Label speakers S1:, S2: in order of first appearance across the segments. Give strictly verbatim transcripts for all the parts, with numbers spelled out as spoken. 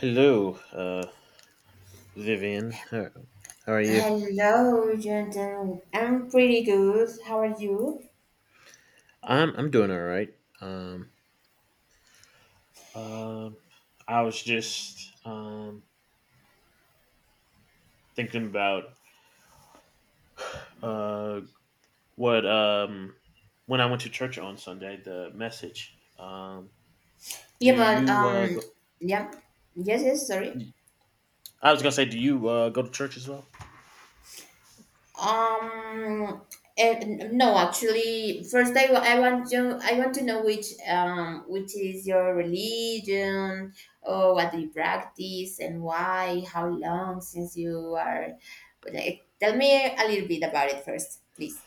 S1: Hello, uh, Vivian. How, how are you?
S2: Hello, Jonathan. I'm pretty good. How are you?
S1: I'm I'm doing all right. Um, um, I was just um thinking about uh what um when I went to church on Sunday, the message. Um, do
S2: Yeah, but
S1: you uh
S2: um,
S1: go,
S2: yeah, yes, yes. Sorry.
S1: I was gonna say, do you uh go to church as well?
S2: Um, and, no, actually, first I, wa- I want to I want to know which um which is your religion, or what do you practice and why? How long since you are? Like, tell me a little bit about it first, please.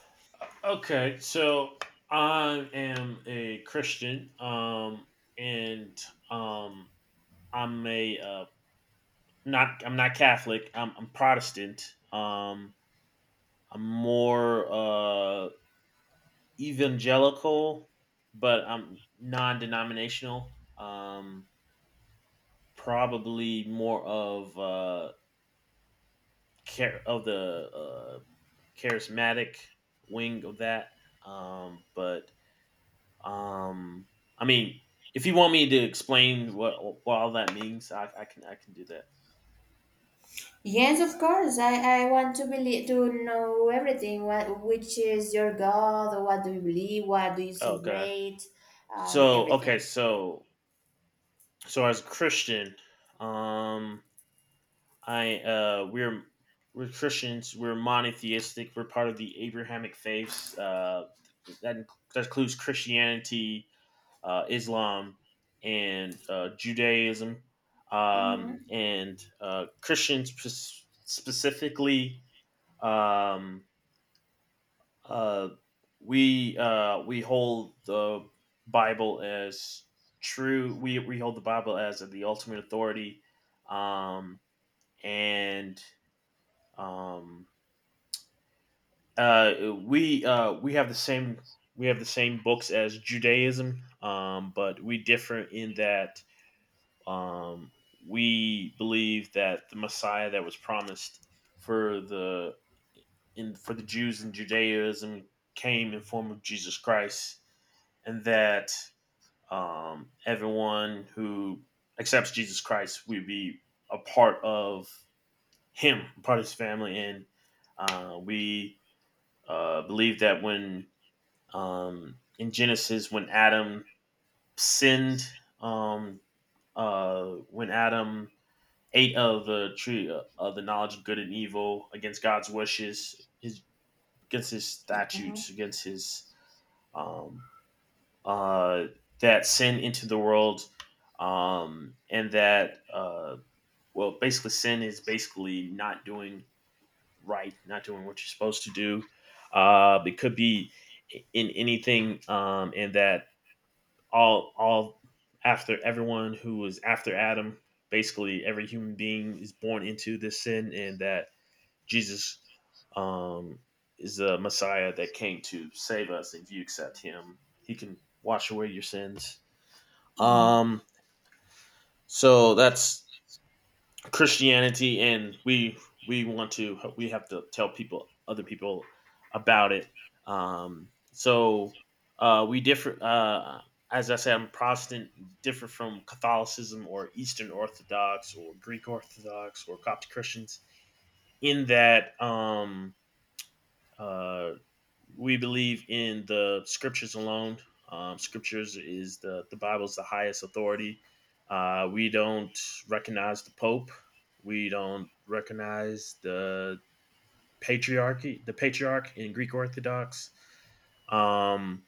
S1: Okay, so I am a Christian, um, and um, I'm a uh, not I'm not Catholic. I'm I'm Protestant. Um, I'm more uh, evangelical, but I'm non-denominational. Um, probably more of uh, care of the uh, charismatic wing of that. Um, but um, I mean, if you want me to explain what, what all that means, I, I can I can do that.
S2: Yes, of course. I, I want to believe to know everything. What Which is your God? What do you believe? What do you
S1: Okay.
S2: celebrate? Um,
S1: So okay,
S2: everything.
S1: so so as a Christian, um, I uh, we're we're Christians. We're monotheistic. We're part of the Abrahamic faiths. Uh, that inc- that includes Christianity, uh, Islam, and uh, Judaism. Um,
S2: Mm-hmm.
S1: and uh, Christians spec- specifically um, uh, we uh, we hold the Bible as true. We we hold the Bible as the ultimate authority, um, and um, uh, we uh, we have the same we have the same books as Judaism, um, but we differ in that Um, we believe that the Messiah that was promised for the in for the Jews in Judaism came in form of Jesus Christ, and that um, everyone who accepts Jesus Christ would be a part of Him, a part of His family, and uh, we uh, believe that when um, in Genesis, when Adam sinned, um, uh, when Adam Eight of the tree uh, of the knowledge of good and evil against God's wishes, his, against his statutes,
S2: Mm-hmm.
S1: against his um, uh, that sin into the world, um, and that uh, well, basically sin is basically not doing right, not doing what you're supposed to do. Uh, it could be in anything, um, and that all all after everyone who was after Adam, basically every human being is born into this sin, and that Jesus um, is the Messiah that came to save us. If you accept Him, He can wash away your sins.
S2: Mm-hmm.
S1: Um, so that's Christianity, and we we want to we have to tell people other people about it. Um, so uh, we differ. Uh, as I said, I'm Protestant, different from Catholicism or Eastern Orthodox or Greek Orthodox or Coptic Christians in that. Um, Uh, we believe in the scriptures alone. Um, scriptures is the the Bible is the highest authority. Uh, we don't recognize the Pope. We don't recognize the patriarchy, the patriarch in Greek Orthodox. Um,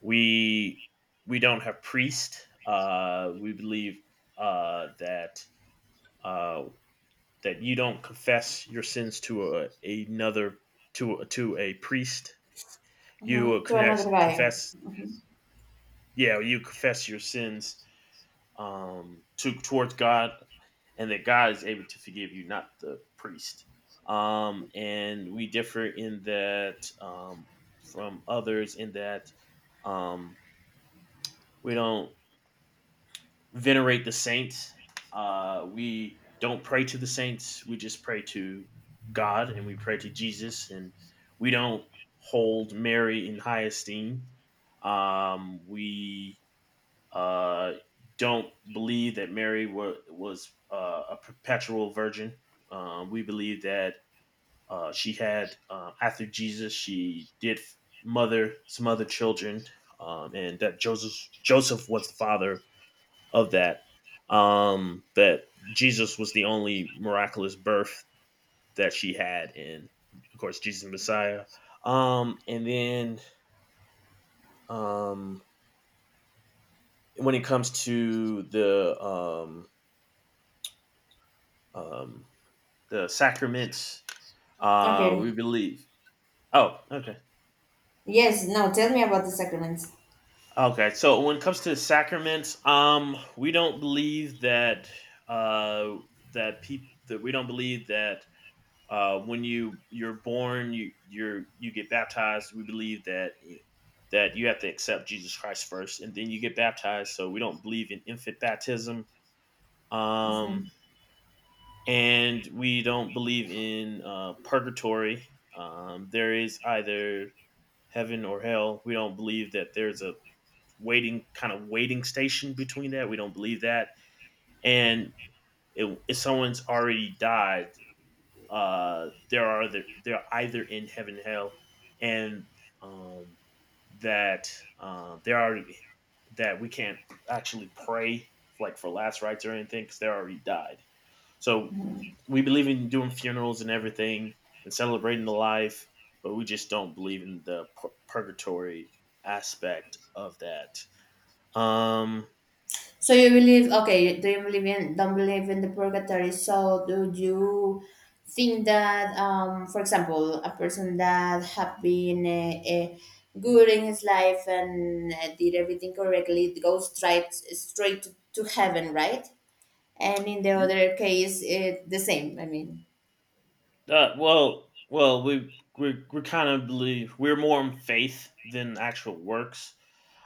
S1: we we don't have priest. Uh, we believe uh, that uh, that you don't confess your sins to a, another to to a priest you will
S2: Mm-hmm. To
S1: connect,
S2: another guy.
S1: confess, yeah, you confess your sins um, to towards God, and that God is able to forgive you, not the priest. Um, and we differ in that um, from others in that um, we don't venerate the saints. Uh, we don't pray to the saints. We just pray to God and we pray to Jesus, and we don't hold Mary in high esteem. Um, we Uh, don't believe that Mary wa- was uh, a perpetual virgin. Um, we believe that uh, she had, uh, after Jesus, she did mother some other children, um, and that Joseph Joseph was the father of that. Um, that Jesus was the only miraculous birth that she had, and of course, Jesus the Messiah. Um, and then um, when it comes to the um, um, the sacraments uh we
S2: Okay.
S1: believe oh okay
S2: Yes. Now tell me about the sacraments.
S1: okay so when it comes to sacraments um we don't believe that uh that people that we don't believe that uh when you you're born you you're you get baptized we believe that that you have to accept Jesus Christ first and then you get baptized, so we don't believe in infant baptism. um and we don't believe in uh purgatory. um there is either heaven or hell. We don't believe that there's a waiting kind of waiting station between that. We don't believe that. And it, if someone's already died, uh, there are the, they're either in heaven or hell, and um, that uh, there are that we can't actually pray like for last rites or anything because they already died. So we believe in doing funerals and everything and celebrating the life, but we just don't believe in the pur- purgatory aspect of that. Um,
S2: So you believe, okay, do you believe in, don't believe in the purgatory? So do you think that, um, for example, a person that have been uh, uh, good in his life and uh, did everything correctly goes straight straight to, to heaven, right? And in the other case, it the same. I mean,
S1: uh, well, well, we we we kind of believe we're more in faith than actual works.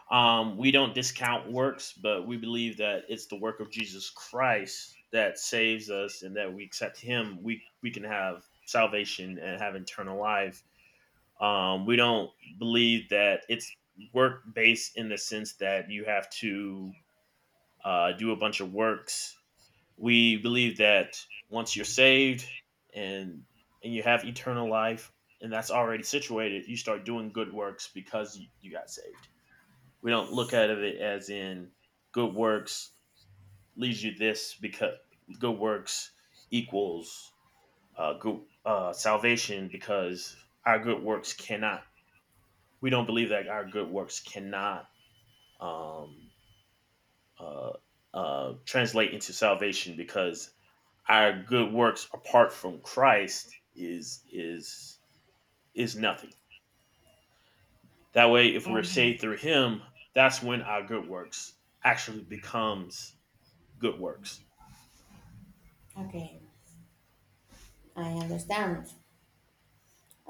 S1: Um, we don't discount works, but we believe that it's the work of Jesus Christ that saves us, and that we accept Him, we we can have salvation and have eternal life. Um, we don't believe that it's work based in the sense that you have to uh, do a bunch of works. We believe that once you're saved and and you have eternal life and that's already situated, you start doing good works because you, you got saved. We don't look at it as in good works leads you this because good works equals uh, good uh, salvation because our good works cannot we don't believe that our good works cannot um, uh, uh, translate into salvation because our good works apart from Christ is is is nothing. That way, if we're
S2: mhm,
S1: saved through Him, that's when our good works actually becomes good works.
S2: okay, I understand.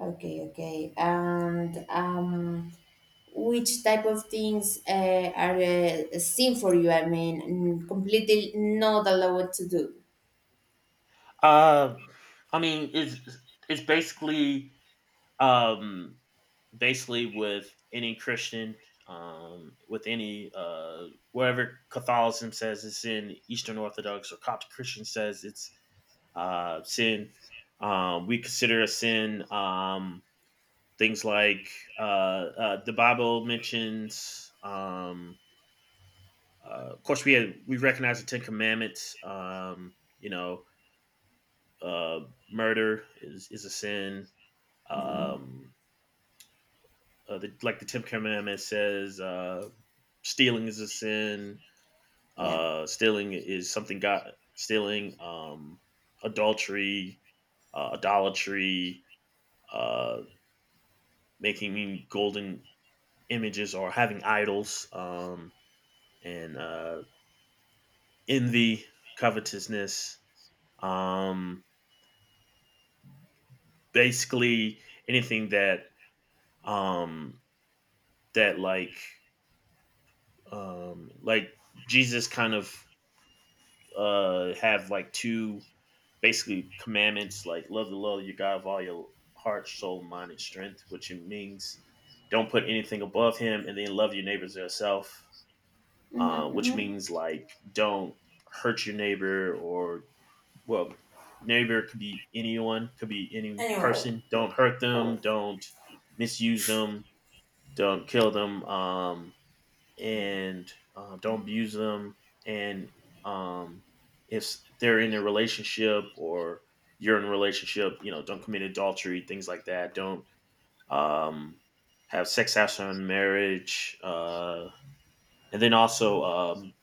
S2: Okay, okay, and um. Which type of things uh, are uh, seen for you? I mean, mm, completely not allowed to do.
S1: Uh, I mean, it's it's basically Um, basically, with any Christian, um, with any uh, whatever Catholicism says it's sin, Eastern Orthodox or Coptic Christian says it's uh, sin. Um, we consider a sin um, things like uh, uh, the Bible mentions. Um, uh, of course, we had, we recognize the Ten Commandments. Um, you know, uh, murder is is a sin.
S2: Hmm.
S1: Um, uh, the, like the Tenth Commandment says, uh, stealing is a sin.
S2: Yeah.
S1: Uh, stealing is something God stealing, um, adultery, uh, idolatry, uh, making golden images or having idols, um, and uh, envy, covetousness. Um, basically, anything that um, that like um, like Jesus kind of uh, have like two basically commandments like love the Lord your God with all your heart, soul, mind, and strength, which it means don't put anything above Him, and then love your neighbors as yourself, uh,
S2: Mm-hmm,
S1: which
S2: mm-hmm.
S1: means like don't hurt your neighbor or well, neighbor could be anyone, could be any
S2: Anyway.
S1: person. Don't hurt them. Don't misuse them. Don't kill them. Um, and um, don't abuse them. And um, if they're in a relationship or you're in a relationship, you know, don't commit adultery, things like that. Don't um, have sex outside of marriage. Uh, and then also, um,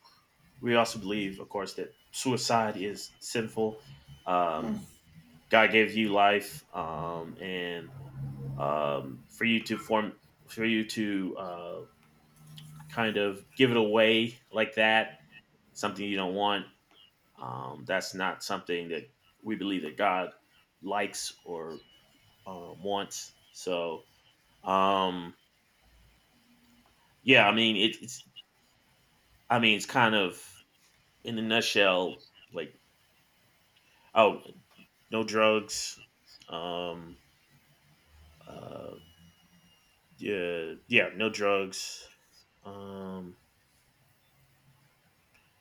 S1: we also believe, of course, that suicide is sinful.
S2: Mm.
S1: Um, God gave you life, um, and um, for you to form, for you to uh, kind of give it away like that something you don't want. Um, that's not something that we believe that God likes or uh, wants. So, um, yeah, I mean, it, it's, I mean, it's kind of in a nutshell, like, oh, no drugs. Um, uh, yeah, yeah, no drugs. Um,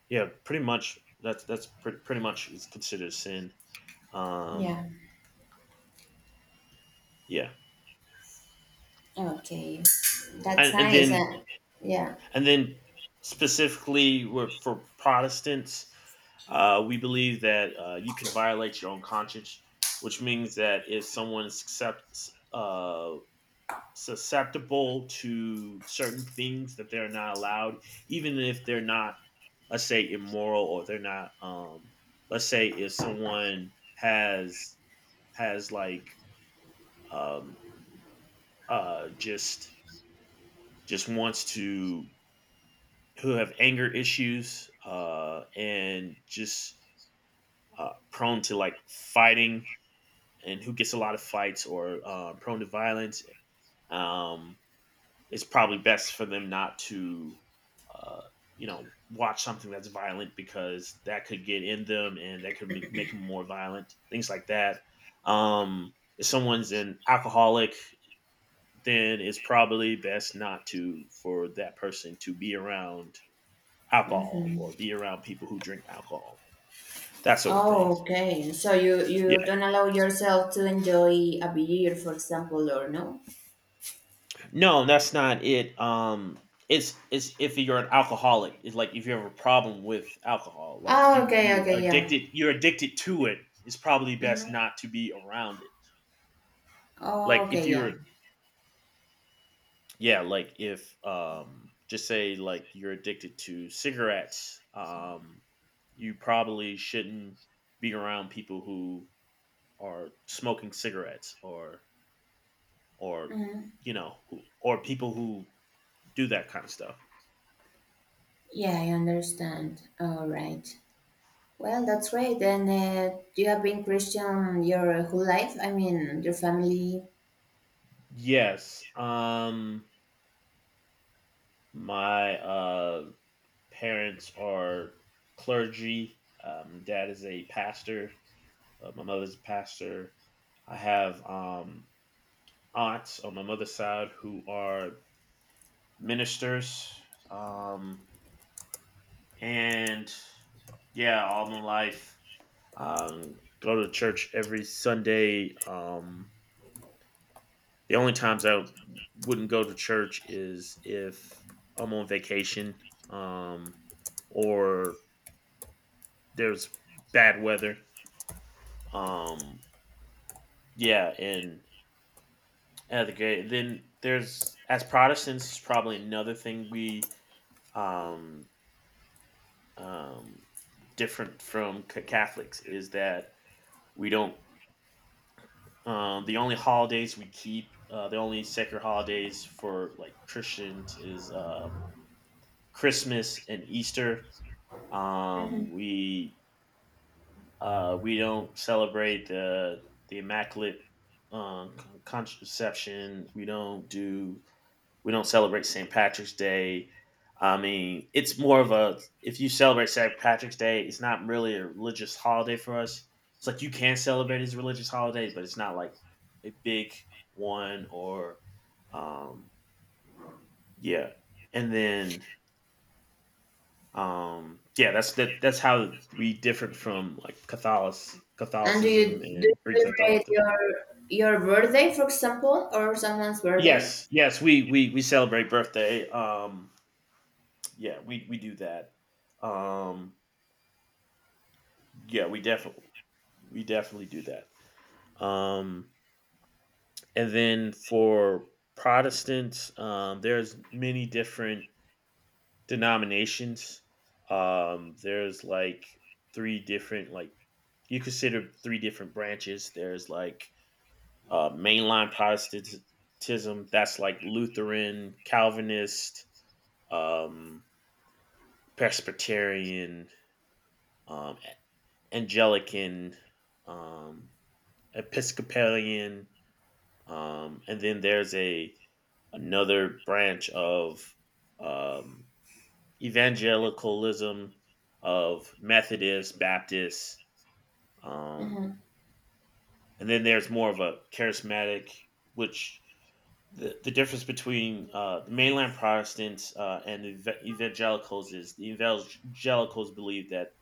S1: yeah, pretty much. That's that's pretty pretty much is considered sin. Um,
S2: Yeah.
S1: yeah,
S2: Okay. That's
S1: and, and
S2: nice.
S1: then
S2: Uh, yeah.
S1: And then specifically we're- for Protestants, uh, we believe that uh, you can violate your own conscience, which means that if someone is suscept- uh, susceptible to certain things that they're not allowed, even if they're not, let's say, immoral or they're not, um, let's say, if someone has has like um, uh, just just wants to who have anger issues uh, and just uh, prone to like fighting and who gets a lot of fights or uh, prone to violence, um, it's probably best for them not to, uh, you know, watch something that's violent because that could get in them and that could ma- make them more violent, things like that. Um, if someone's an alcoholic, then it's probably best not to for that person to be around alcohol or be around people who drink alcohol, that sort of thing.
S2: Oh, okay. So you you
S1: Yeah,
S2: don't allow yourself to enjoy a beer, for example, or no?
S1: no, that's not it. Um, it's it's if you're an alcoholic, it's like if you have a problem with alcohol, like
S2: Oh,
S1: you
S2: okay.
S1: you
S2: Okay. Yeah.
S1: addicted, you're addicted to it. It's probably best
S2: Mm-hmm.
S1: not to be around it.
S2: Oh,
S1: Like if
S2: okay. Yeah.
S1: you're yeah, like if um just say like you're addicted to cigarettes, um, you probably shouldn't be around people who are smoking cigarettes or or
S2: Mm-hmm.
S1: you know or people who do that kind of stuff.
S2: Yeah, I understand. All right. Well, that's great. And uh, you have been Christian your whole life. I mean, your family.
S1: Yes, um my uh parents are clergy. um dad is a pastor, uh, my mother's a pastor. I have um aunts on my mother's side who are ministers, um and yeah, all my life, um go to church every Sunday. um The only times I wouldn't go to church is if I'm on vacation, um, or there's bad weather. Um, yeah, and at the then there's as Protestants is probably another thing we um, um, different from ca- Catholics is that we don't. Um, the only holidays we keep, uh, the only sacred holidays for like Christians is um, Christmas and Easter, Um,
S2: Mhm.
S1: we uh, we don't celebrate the the immaculate um, con- contraception. We don't do we don't celebrate saint Patrick's Day. I mean, it's more of a if you celebrate saint Patrick's Day, it's not really a religious holiday for us. It's like you can celebrate as a religious holiday, but it's not like a big one or um, yeah. And then Um, yeah, that's that. That's how we different from like Catholic
S2: And do
S1: Catholicism
S2: you do you
S1: and Greek
S2: celebrate
S1: Orthodox.
S2: your your birthday, for example, or someone's birthday?
S1: Yes, yes, we we we celebrate birthday. Um, yeah, we we do that. Um, yeah, we definitely we definitely do that. Um, and then for Protestants, um, there's many different denominations. Um, there's like three different like you consider three different branches. There's like uh, mainline Protestantism. That's like Lutheran, Calvinist, um, Presbyterian, um, e-, Anglican, um, Episcopalian, um, and then there's a another branch of um, evangelicalism of Methodist, Baptist, um,
S2: Mhm.
S1: and then there's more of a charismatic, which the, the difference between uh, the mainland Protestants uh, and the ev- evangelicals is the evangelicals believe that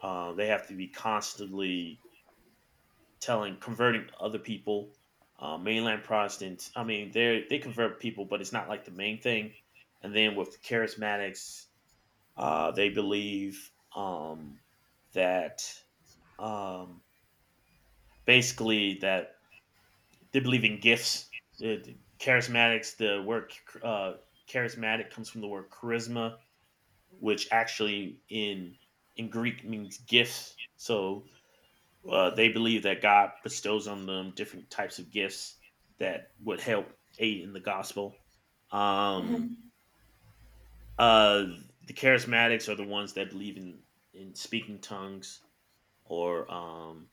S1: uh, they have to be constantly telling, converting other people. Uh, mainland Protestants, I mean, they they convert people, but it's not like the main thing. And then with the charismatics, uh, they believe um, that um, basically that they believe in gifts. The, the charismatics, the word uh, charismatic comes from the word charisma, which actually in in Greek means gifts. So uh, they believe that God bestows on them different types of gifts that would help aid in the gospel. Um,
S2: Mhm.
S1: uh, the charismatics are the ones that believe in in speaking tongues or um,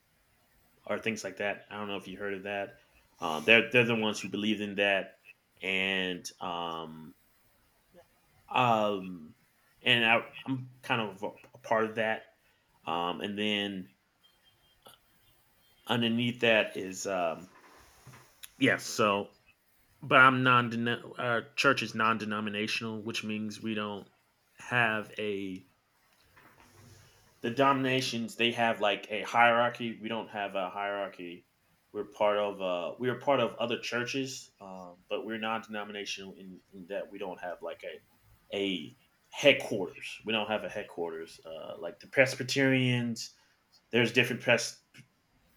S1: or things like that. I don't know if you heard of that. Um, they're they're the ones who believed in that, and um, um, and I, I'm kind of a, a part of that. Um, and then underneath that is um, yes. So, but I'm non. Our church is non-denominational, which means we don't have a the dominations they have like a hierarchy. We don't have a hierarchy. We're part of uh, we are part of other churches, um, but we're non-denominational in, in that we don't have like a a headquarters. We don't have a headquarters uh, like the Presbyterians. There's different pres-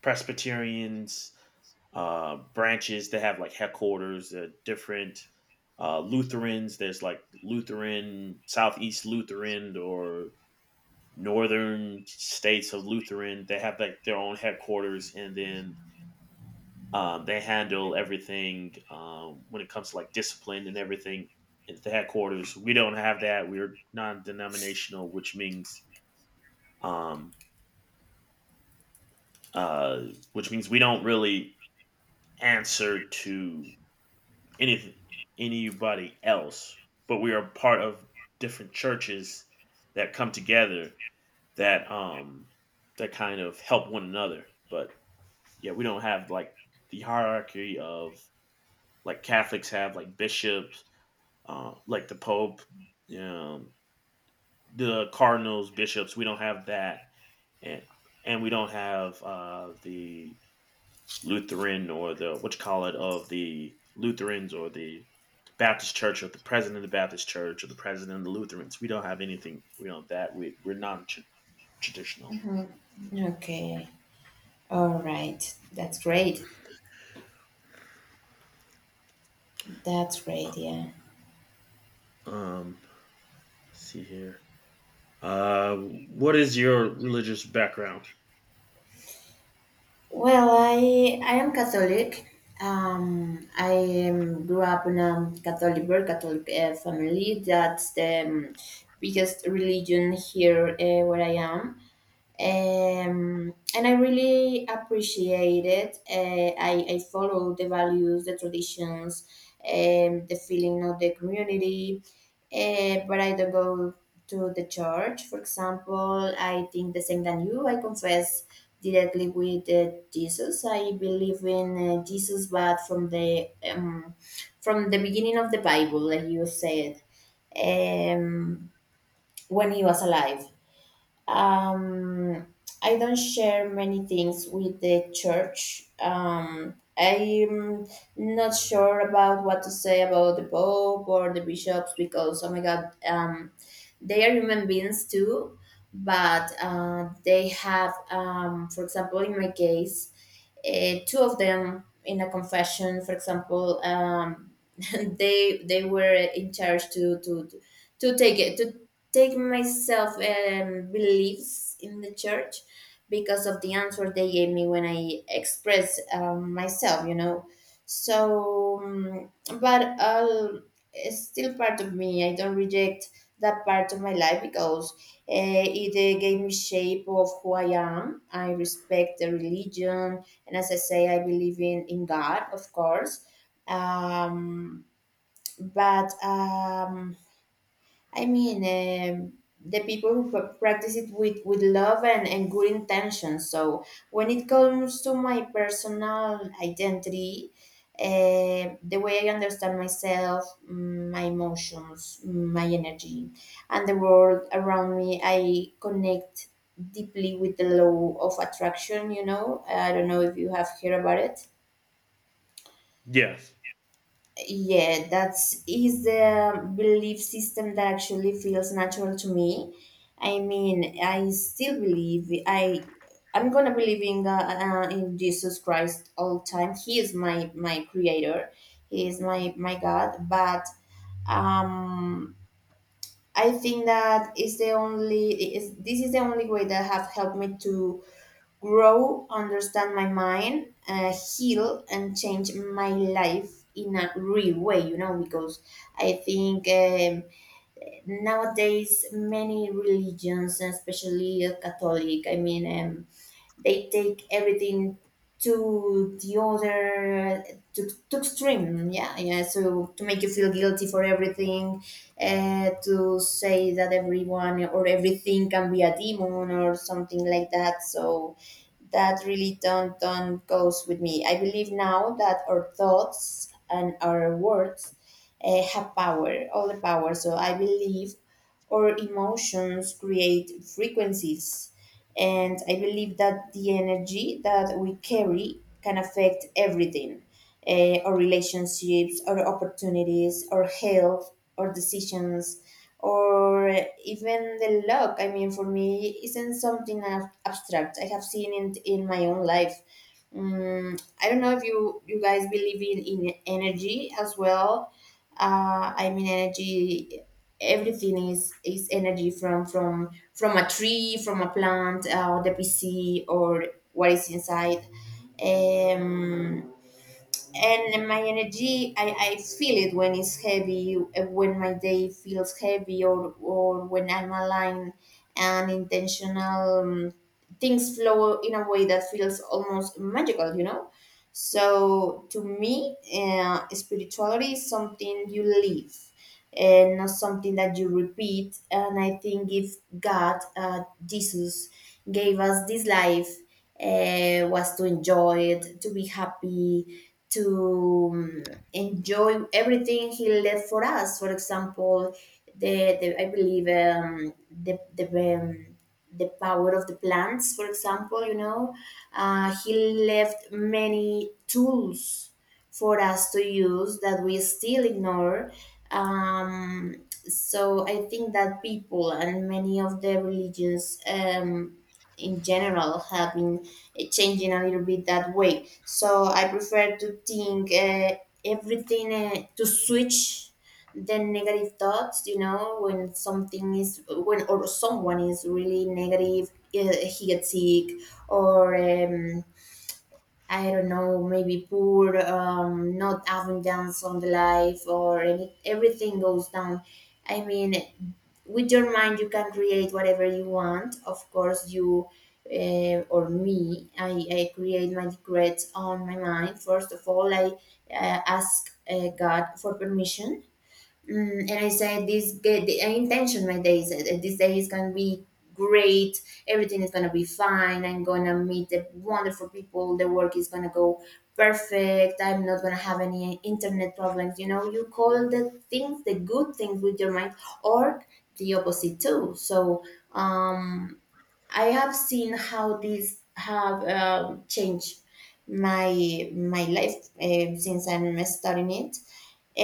S1: Presbyterians uh, branches that have like headquarters. Uh, different uh, Lutherans. There's like Lutheran Southeast Lutheran or northern states of Lutheran. They have like their own headquarters, and then um, they handle everything um, when it comes to like discipline and everything at the headquarters. We don't have that. We're non-denominational, which means um, uh, which means we don't really answer to any anybody else, but we are part of different churches that come together that um that kind of help one another. But yeah, we don't have like the hierarchy of like Catholics have like bishops, uh, like the Pope, um, the cardinals, bishops. We don't have that, and and we don't have uh, the Lutheran or the what you call it of the Lutherans or the Baptist Church or the president of the Baptist Church or the president of the Lutherans. We don't have anything. We don't have that. We we're non traditional.
S2: Mm-hmm. Okay. All right. That's great. That's great. Yeah.
S1: Um, let's see here. Uh, what is your religious background?
S2: Well, I I am Catholic. Um, I um, grew up in a Catholic, very Catholic uh, family. That's the um, biggest religion here, uh, where I am. Um, and I really appreciate it. Uh, I, I follow the values, the traditions, um, the feeling of the community, uh, but I don't go to the church. For example, I think the same than you. I confess directly with uh, Jesus. I believe in uh, Jesus, but from the um, from the beginning of the Bible, like you said, um, when he was alive. um, I don't share many things with the church. Um, I'm not sure about what to say about the Pope or the bishops because, oh my God, um, they are human beings too, but uh, they have, um, for example, in my case, uh, two of them in a confession, for example, um, they they were in charge to to to take it to take myself, um, beliefs in the church because of the answer they gave me when I expressed, um, myself, you know. So, um, but uh, it's still part of me. I don't reject that part of my life because uh, it uh, gave me shape of who I am. I respect the religion, and as I say, I believe in in God, of course. Um, but um, I mean, um, the people who pra- practice it with, with love and, and good intentions. So when it comes to my personal identity, uh, the way I understand myself, mm, my emotions, mm, my energy, and the world around me, I connect deeply with the law of attraction. You know, I don't know if you have heard about it.
S1: Yes.
S2: Yeah, that's is the belief system that actually feels natural to me. I mean, I still believe I I'm gonna believe in uh, uh, in Jesus Christ all time. He is my my creator. He is my my God. But um, I think that is the only is this is the only way that have helped me to grow, understand my mind, uh, heal, and change my life in a real way, you know, because I think, um, nowadays many religions, especially uh, Catholic, I mean, um, they take everything to the other, to, to extreme, yeah, yeah, so to make you feel guilty for everything, uh, to say that everyone or everything can be a demon or something like that, so that really don't don't goes with me. I believe now that our thoughts and our words uh, have power, all the power, so I believe our emotions create frequencies, and I believe that the energy that we carry can affect everything, eh, our relationships, our opportunities, our health, our decisions, or even the luck. I mean, for me, isn't something ab- abstract. I have seen it in my own life. Um, I don't know if you, you guys believe in, in energy as well. Uh, I mean, energy everything is is energy, from from from a tree, from a plant, uh, or the P C, or what is inside. um and my energy, I, I feel it when it's heavy, uh, when my day feels heavy, or or when I'm aligned and intentional. Um, things flow in a way that feels almost magical you know so to me, uh, spirituality is something you live and not something that you repeat. And I think if god uh, Jesus gave us this life, uh, was to enjoy it, to be happy, to, um, enjoy everything he left for us. For example, the, the I believe, um, the the um, the power of the plants. For example, you know, uh, he left many tools for us to use that we still ignore. Um, so I think that people and many of the religions, um, in general, have been, eh, changing a little bit that way. So I prefer to think, uh, everything, uh, to switch the negative thoughts. You know, when something is, when or someone is really negative, uh, he gets sick. Or, Um, I don't know, maybe poor, um, not having dance on the life, or any, everything goes down. I mean, with your mind you can create whatever you want. Of course, you uh, or me, I, I create my decrets on my mind. First of all, I uh, ask, uh, God for permission. Mm, and I said this good, the intention. My day is uh, This day is gonna be great. Everything is gonna be fine. I'm gonna meet the wonderful people. The work is gonna go perfect. I'm not gonna have any internet problems. You know, you call the things the good things with your mind, or the opposite too. So, um, I have seen how these have, um, changed my my life, uh, since I'm studying it.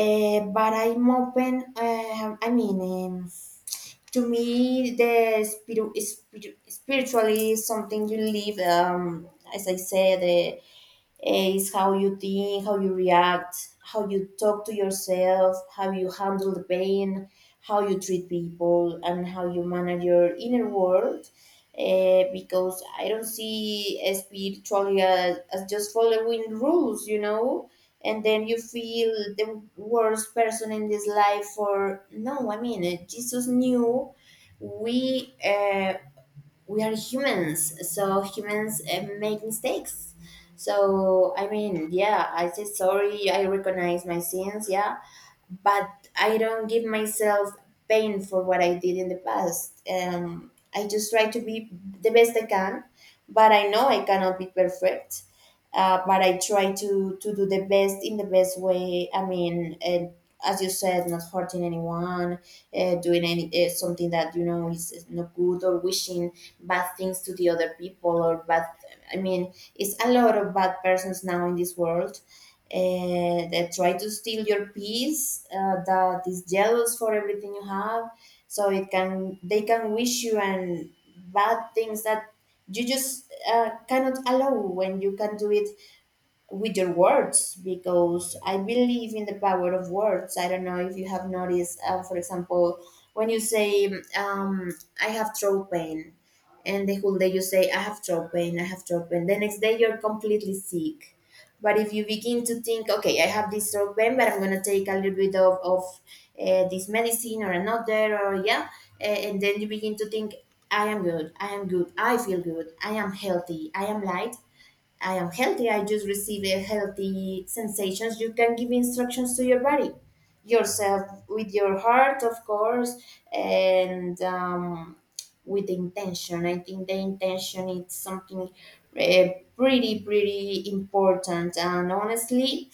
S2: Uh, but I'm open. um I mean, um, to me, the spirit, spirit, spiritually something you live. Um, as I said, eh, Eh, it's how you think, how you react, how you talk to yourself, how you handle the pain, how you treat people, and how you manage your inner world. Eh, because I don't see spirituality as, as just following rules, you know, and then you feel the worst person in this life for no. I mean, eh, Jesus knew we uh, we are humans, so humans uh, make mistakes. So I mean, yeah, I say sorry, I recognize my sins, yeah, but I don't give myself pain for what I did in the past. Um, I just try to be the best I can, but I know I cannot be perfect. Uh, but I try to to do the best in the best way. I mean, uh, as you said, not hurting anyone, uh, doing any uh, something that you know is, is not good, or wishing bad things to the other people, or bad. I mean, it's a lot of bad persons now in this world, and that try to steal your peace, uh, that is jealous for everything you have. So it can they can wish you and bad things that you just uh, cannot allow, when you can do it with your words, because I believe in the power of words. I don't know if you have noticed, uh, for example, when you say, um, I have throat pain, and the whole day you say, I have throat pain, I have throat pain. The next day you're completely sick. But if you begin to think, okay, I have this throat pain, but I'm going to take a little bit of, of uh, this medicine, or another, or yeah, a- and then you begin to think, I am good, I am good, I feel good, I am healthy, I am light. I am healthy. I just receive a healthy sensations. You can give instructions to your body, yourself, with your heart, of course, and, um, with intention. I think the intention is something, uh, pretty, pretty important. And honestly,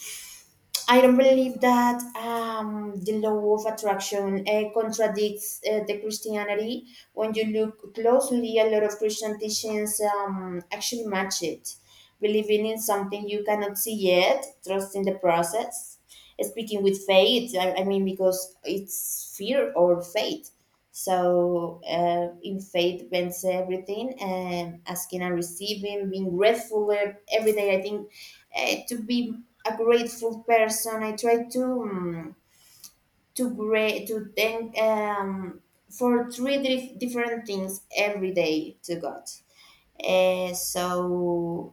S2: I don't believe that, um, the law of attraction uh, contradicts uh, the Christianity. When you look closely, a lot of Christian teachings, um, actually match it. Believing in something you cannot see yet, trusting the process, speaking with faith. I, I mean, because it's fear or faith. So uh, in faith depends everything, and asking and receiving, being grateful every day. I think uh, to be a grateful person. I try to um, to gra- to thank um, for three dif- different things every day to God. Uh, so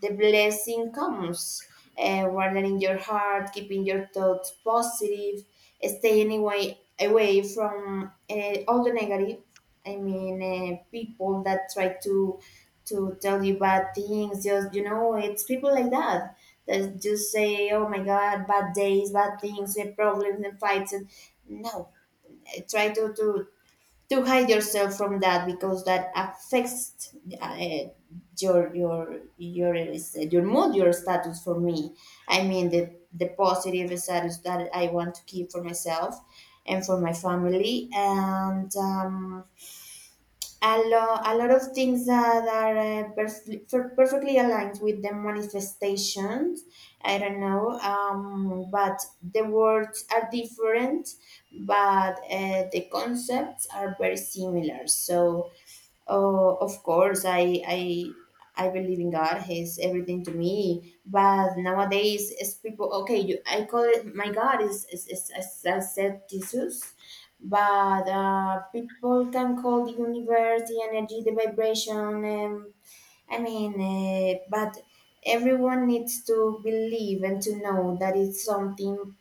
S2: the blessing comes uh, wardening your heart, keeping your thoughts positive, staying away, away from uh, all the negative. I mean, uh, people that try to to tell you bad things. Just you know, it's people like that that just say, "Oh my God, bad days, bad things, and problems and fights." And no, I try to to to hide yourself from that because that affects uh, your your your uh, your mood, your status. For me, I mean, the the positive status that I want to keep for myself and for my family, and um a, lo- a lot of things that are uh, perfectly, per- perfectly aligned with the manifestations. I don't know, um, but the words are different, but uh, the concepts are very similar. So oh, of course, I I I believe in God. He's everything to me. But nowadays, it's people. Okay, you, I call it, my God is is is as I said, Jesus, but uh, people can call the universe, the energy, the vibration. Um, I mean, uh, but everyone needs to believe and to know that it's something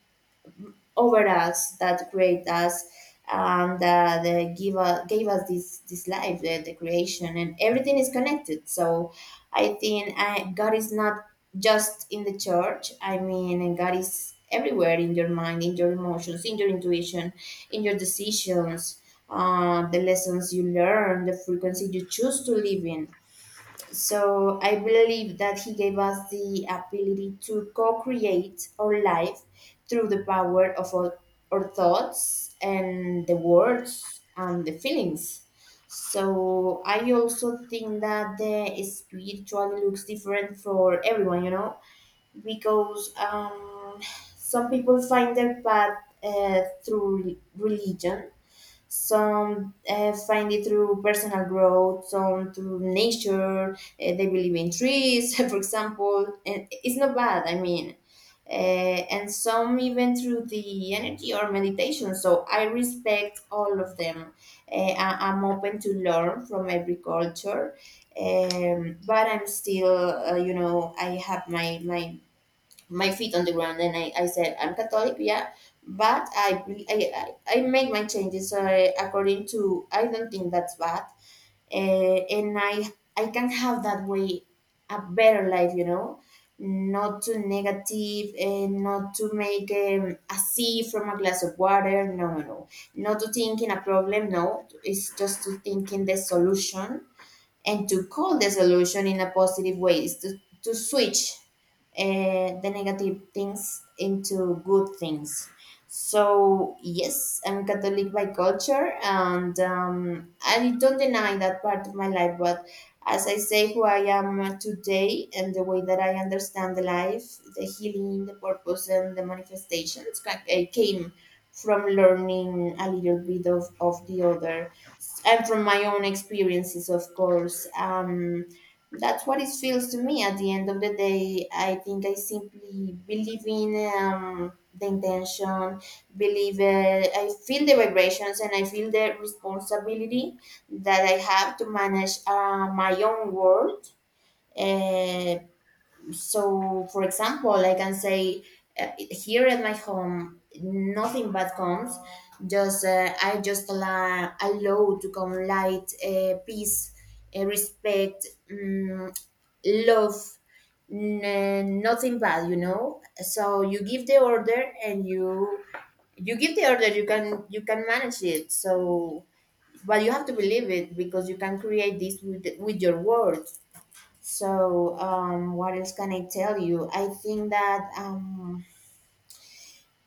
S2: over us that create us and uh, they give us, gave us this, this life, the, the creation, and everything is connected. So I think uh, God is not just in the church. I mean, God is everywhere, in your mind, in your emotions, in your intuition, in your decisions, uh, the lessons you learn, the frequency you choose to live in. So I believe that he gave us the ability to co create our life through the power of our, our thoughts and the words and the feelings. So I also think that the spirituality looks different for everyone, you know, because um, some people find their path uh, through religion, some uh, find it through personal growth, some through nature. Uh, they believe in trees, for example. And it's not bad, I mean. Uh, and some even through the energy or meditation. So I respect all of them. Uh, I- I'm open to learn from every culture. Um, but I'm still, uh, you know, I have my, my my feet on the ground, and I, I said I'm Catholic, yeah, but I be- I, I I make my changes uh, according to. I don't think that's bad, uh, and i i can have, that way, a better life, you know. Not too negative, and not to make um, a sea from a glass of water. No, no, no. Not to think in a problem. No, it's just to think in the solution, and to call the solution in a positive way is to, to switch uh, the negative things into good things. So yes, I'm Catholic by culture, and um, I don't deny that part of my life. But as I say, who I am today and the way that I understand the life, the healing, the purpose, and the manifestations ca- eh, came from learning a little bit of, of the other, and from my own experiences, of course. Um, that's what it feels to me. At the end of the day, I think I simply believe in um, the intention. Believe, uh, I feel the vibrations, and I feel the responsibility that I have to manage uh, my own world. Uh, so for example, I can say, uh, here at my home nothing bad comes. Just uh, I just allow, allow to come light, uh, peace, uh, respect, um, love, n- nothing bad, you know. So you give the order, and you, you give the order you can, you can manage it. So but you have to believe it, because you can create this with, with your words. So, um, what else can I tell you? I think that um,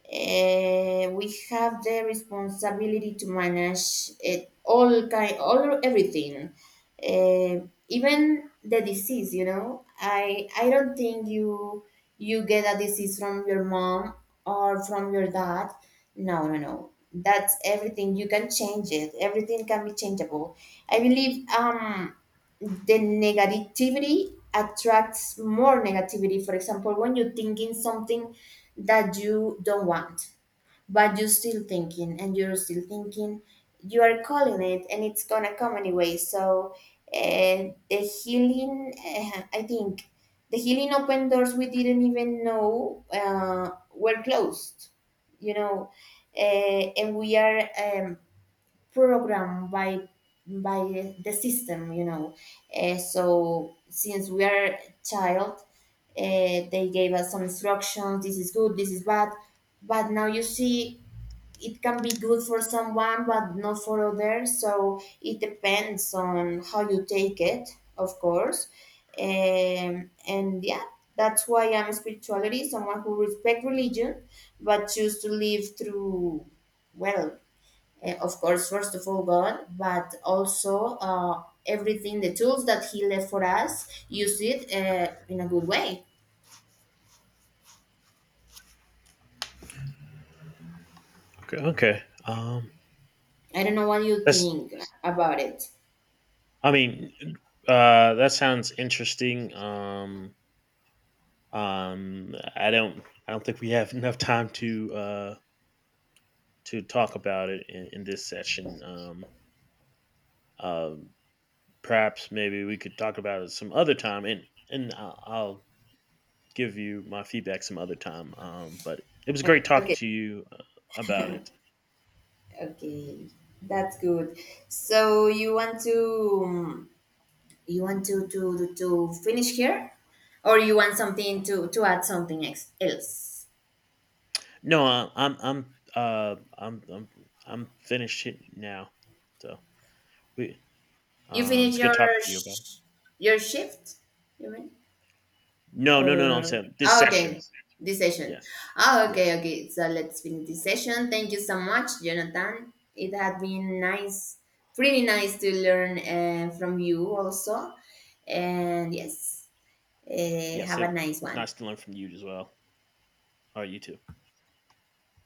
S2: uh, we have the responsibility to manage it all, kind all everything, uh, even the disease, you know. I i don't think you, you get a disease from your mom or from your dad. No, no, no. That's everything, you can change it. Everything can be changeable. I believe um the negativity attracts more negativity. For example, when you think in something that you don't want, but you're still thinking and you're still thinking, you are calling it, and it's gonna come anyway. So, uh, the healing, uh, I think the healing open doors we didn't even know uh, were closed, you know, uh, and we are. Um, Programmed by by the the system, you know. Eh, so since we are a child, uh, they gave us some instructions, this is good, this is bad. But now you see, it can be good for someone but not for others. So it depends on how you take it, of course. Um, and yeah, that's why I'm spirituality, someone who respect religion but choose to live through, well, uh, of course, first of all, God, but also uh, everything, the tools that he left for us, use it uh, in a good way.
S1: Okay. Okay. Um,
S2: I don't know what you
S1: that's.
S2: think about it.
S1: I mean, uh, that sounds interesting. Um, um, I don't. I don't think we have enough time to uh, to talk about it in, in this session. Um, um, Perhaps maybe we could talk about it some other time, and and I'll, I'll give you my feedback some other time. Um, but it was
S2: Uh,
S1: great talking
S2: Okay,
S1: to you uh, about it.
S2: okay, that's good. So you want to um, you want to to to, to finish here, or you want something to to add something ex- else?
S1: No, I, I'm I'm uh I'm I'm I'm finished now. So we
S2: You
S1: Um,
S2: finish
S1: it's good
S2: your
S1: talking to you about it.
S2: sh- your shift, you mean?
S1: No, no, no, no. I'm
S2: Or
S1: saying this
S2: ah, okay,
S1: session.
S2: this session.
S1: Yes,
S2: Ah, okay,
S1: yes,
S2: okay. So let's finish this session. Thank you so much, Jonathan. It had been nice, pretty nice to learn uh, from you also. And yes, uh,
S1: yes.
S2: have
S1: It
S2: a
S1: was
S2: nice one.
S1: nice to learn from you as well. All right, you too.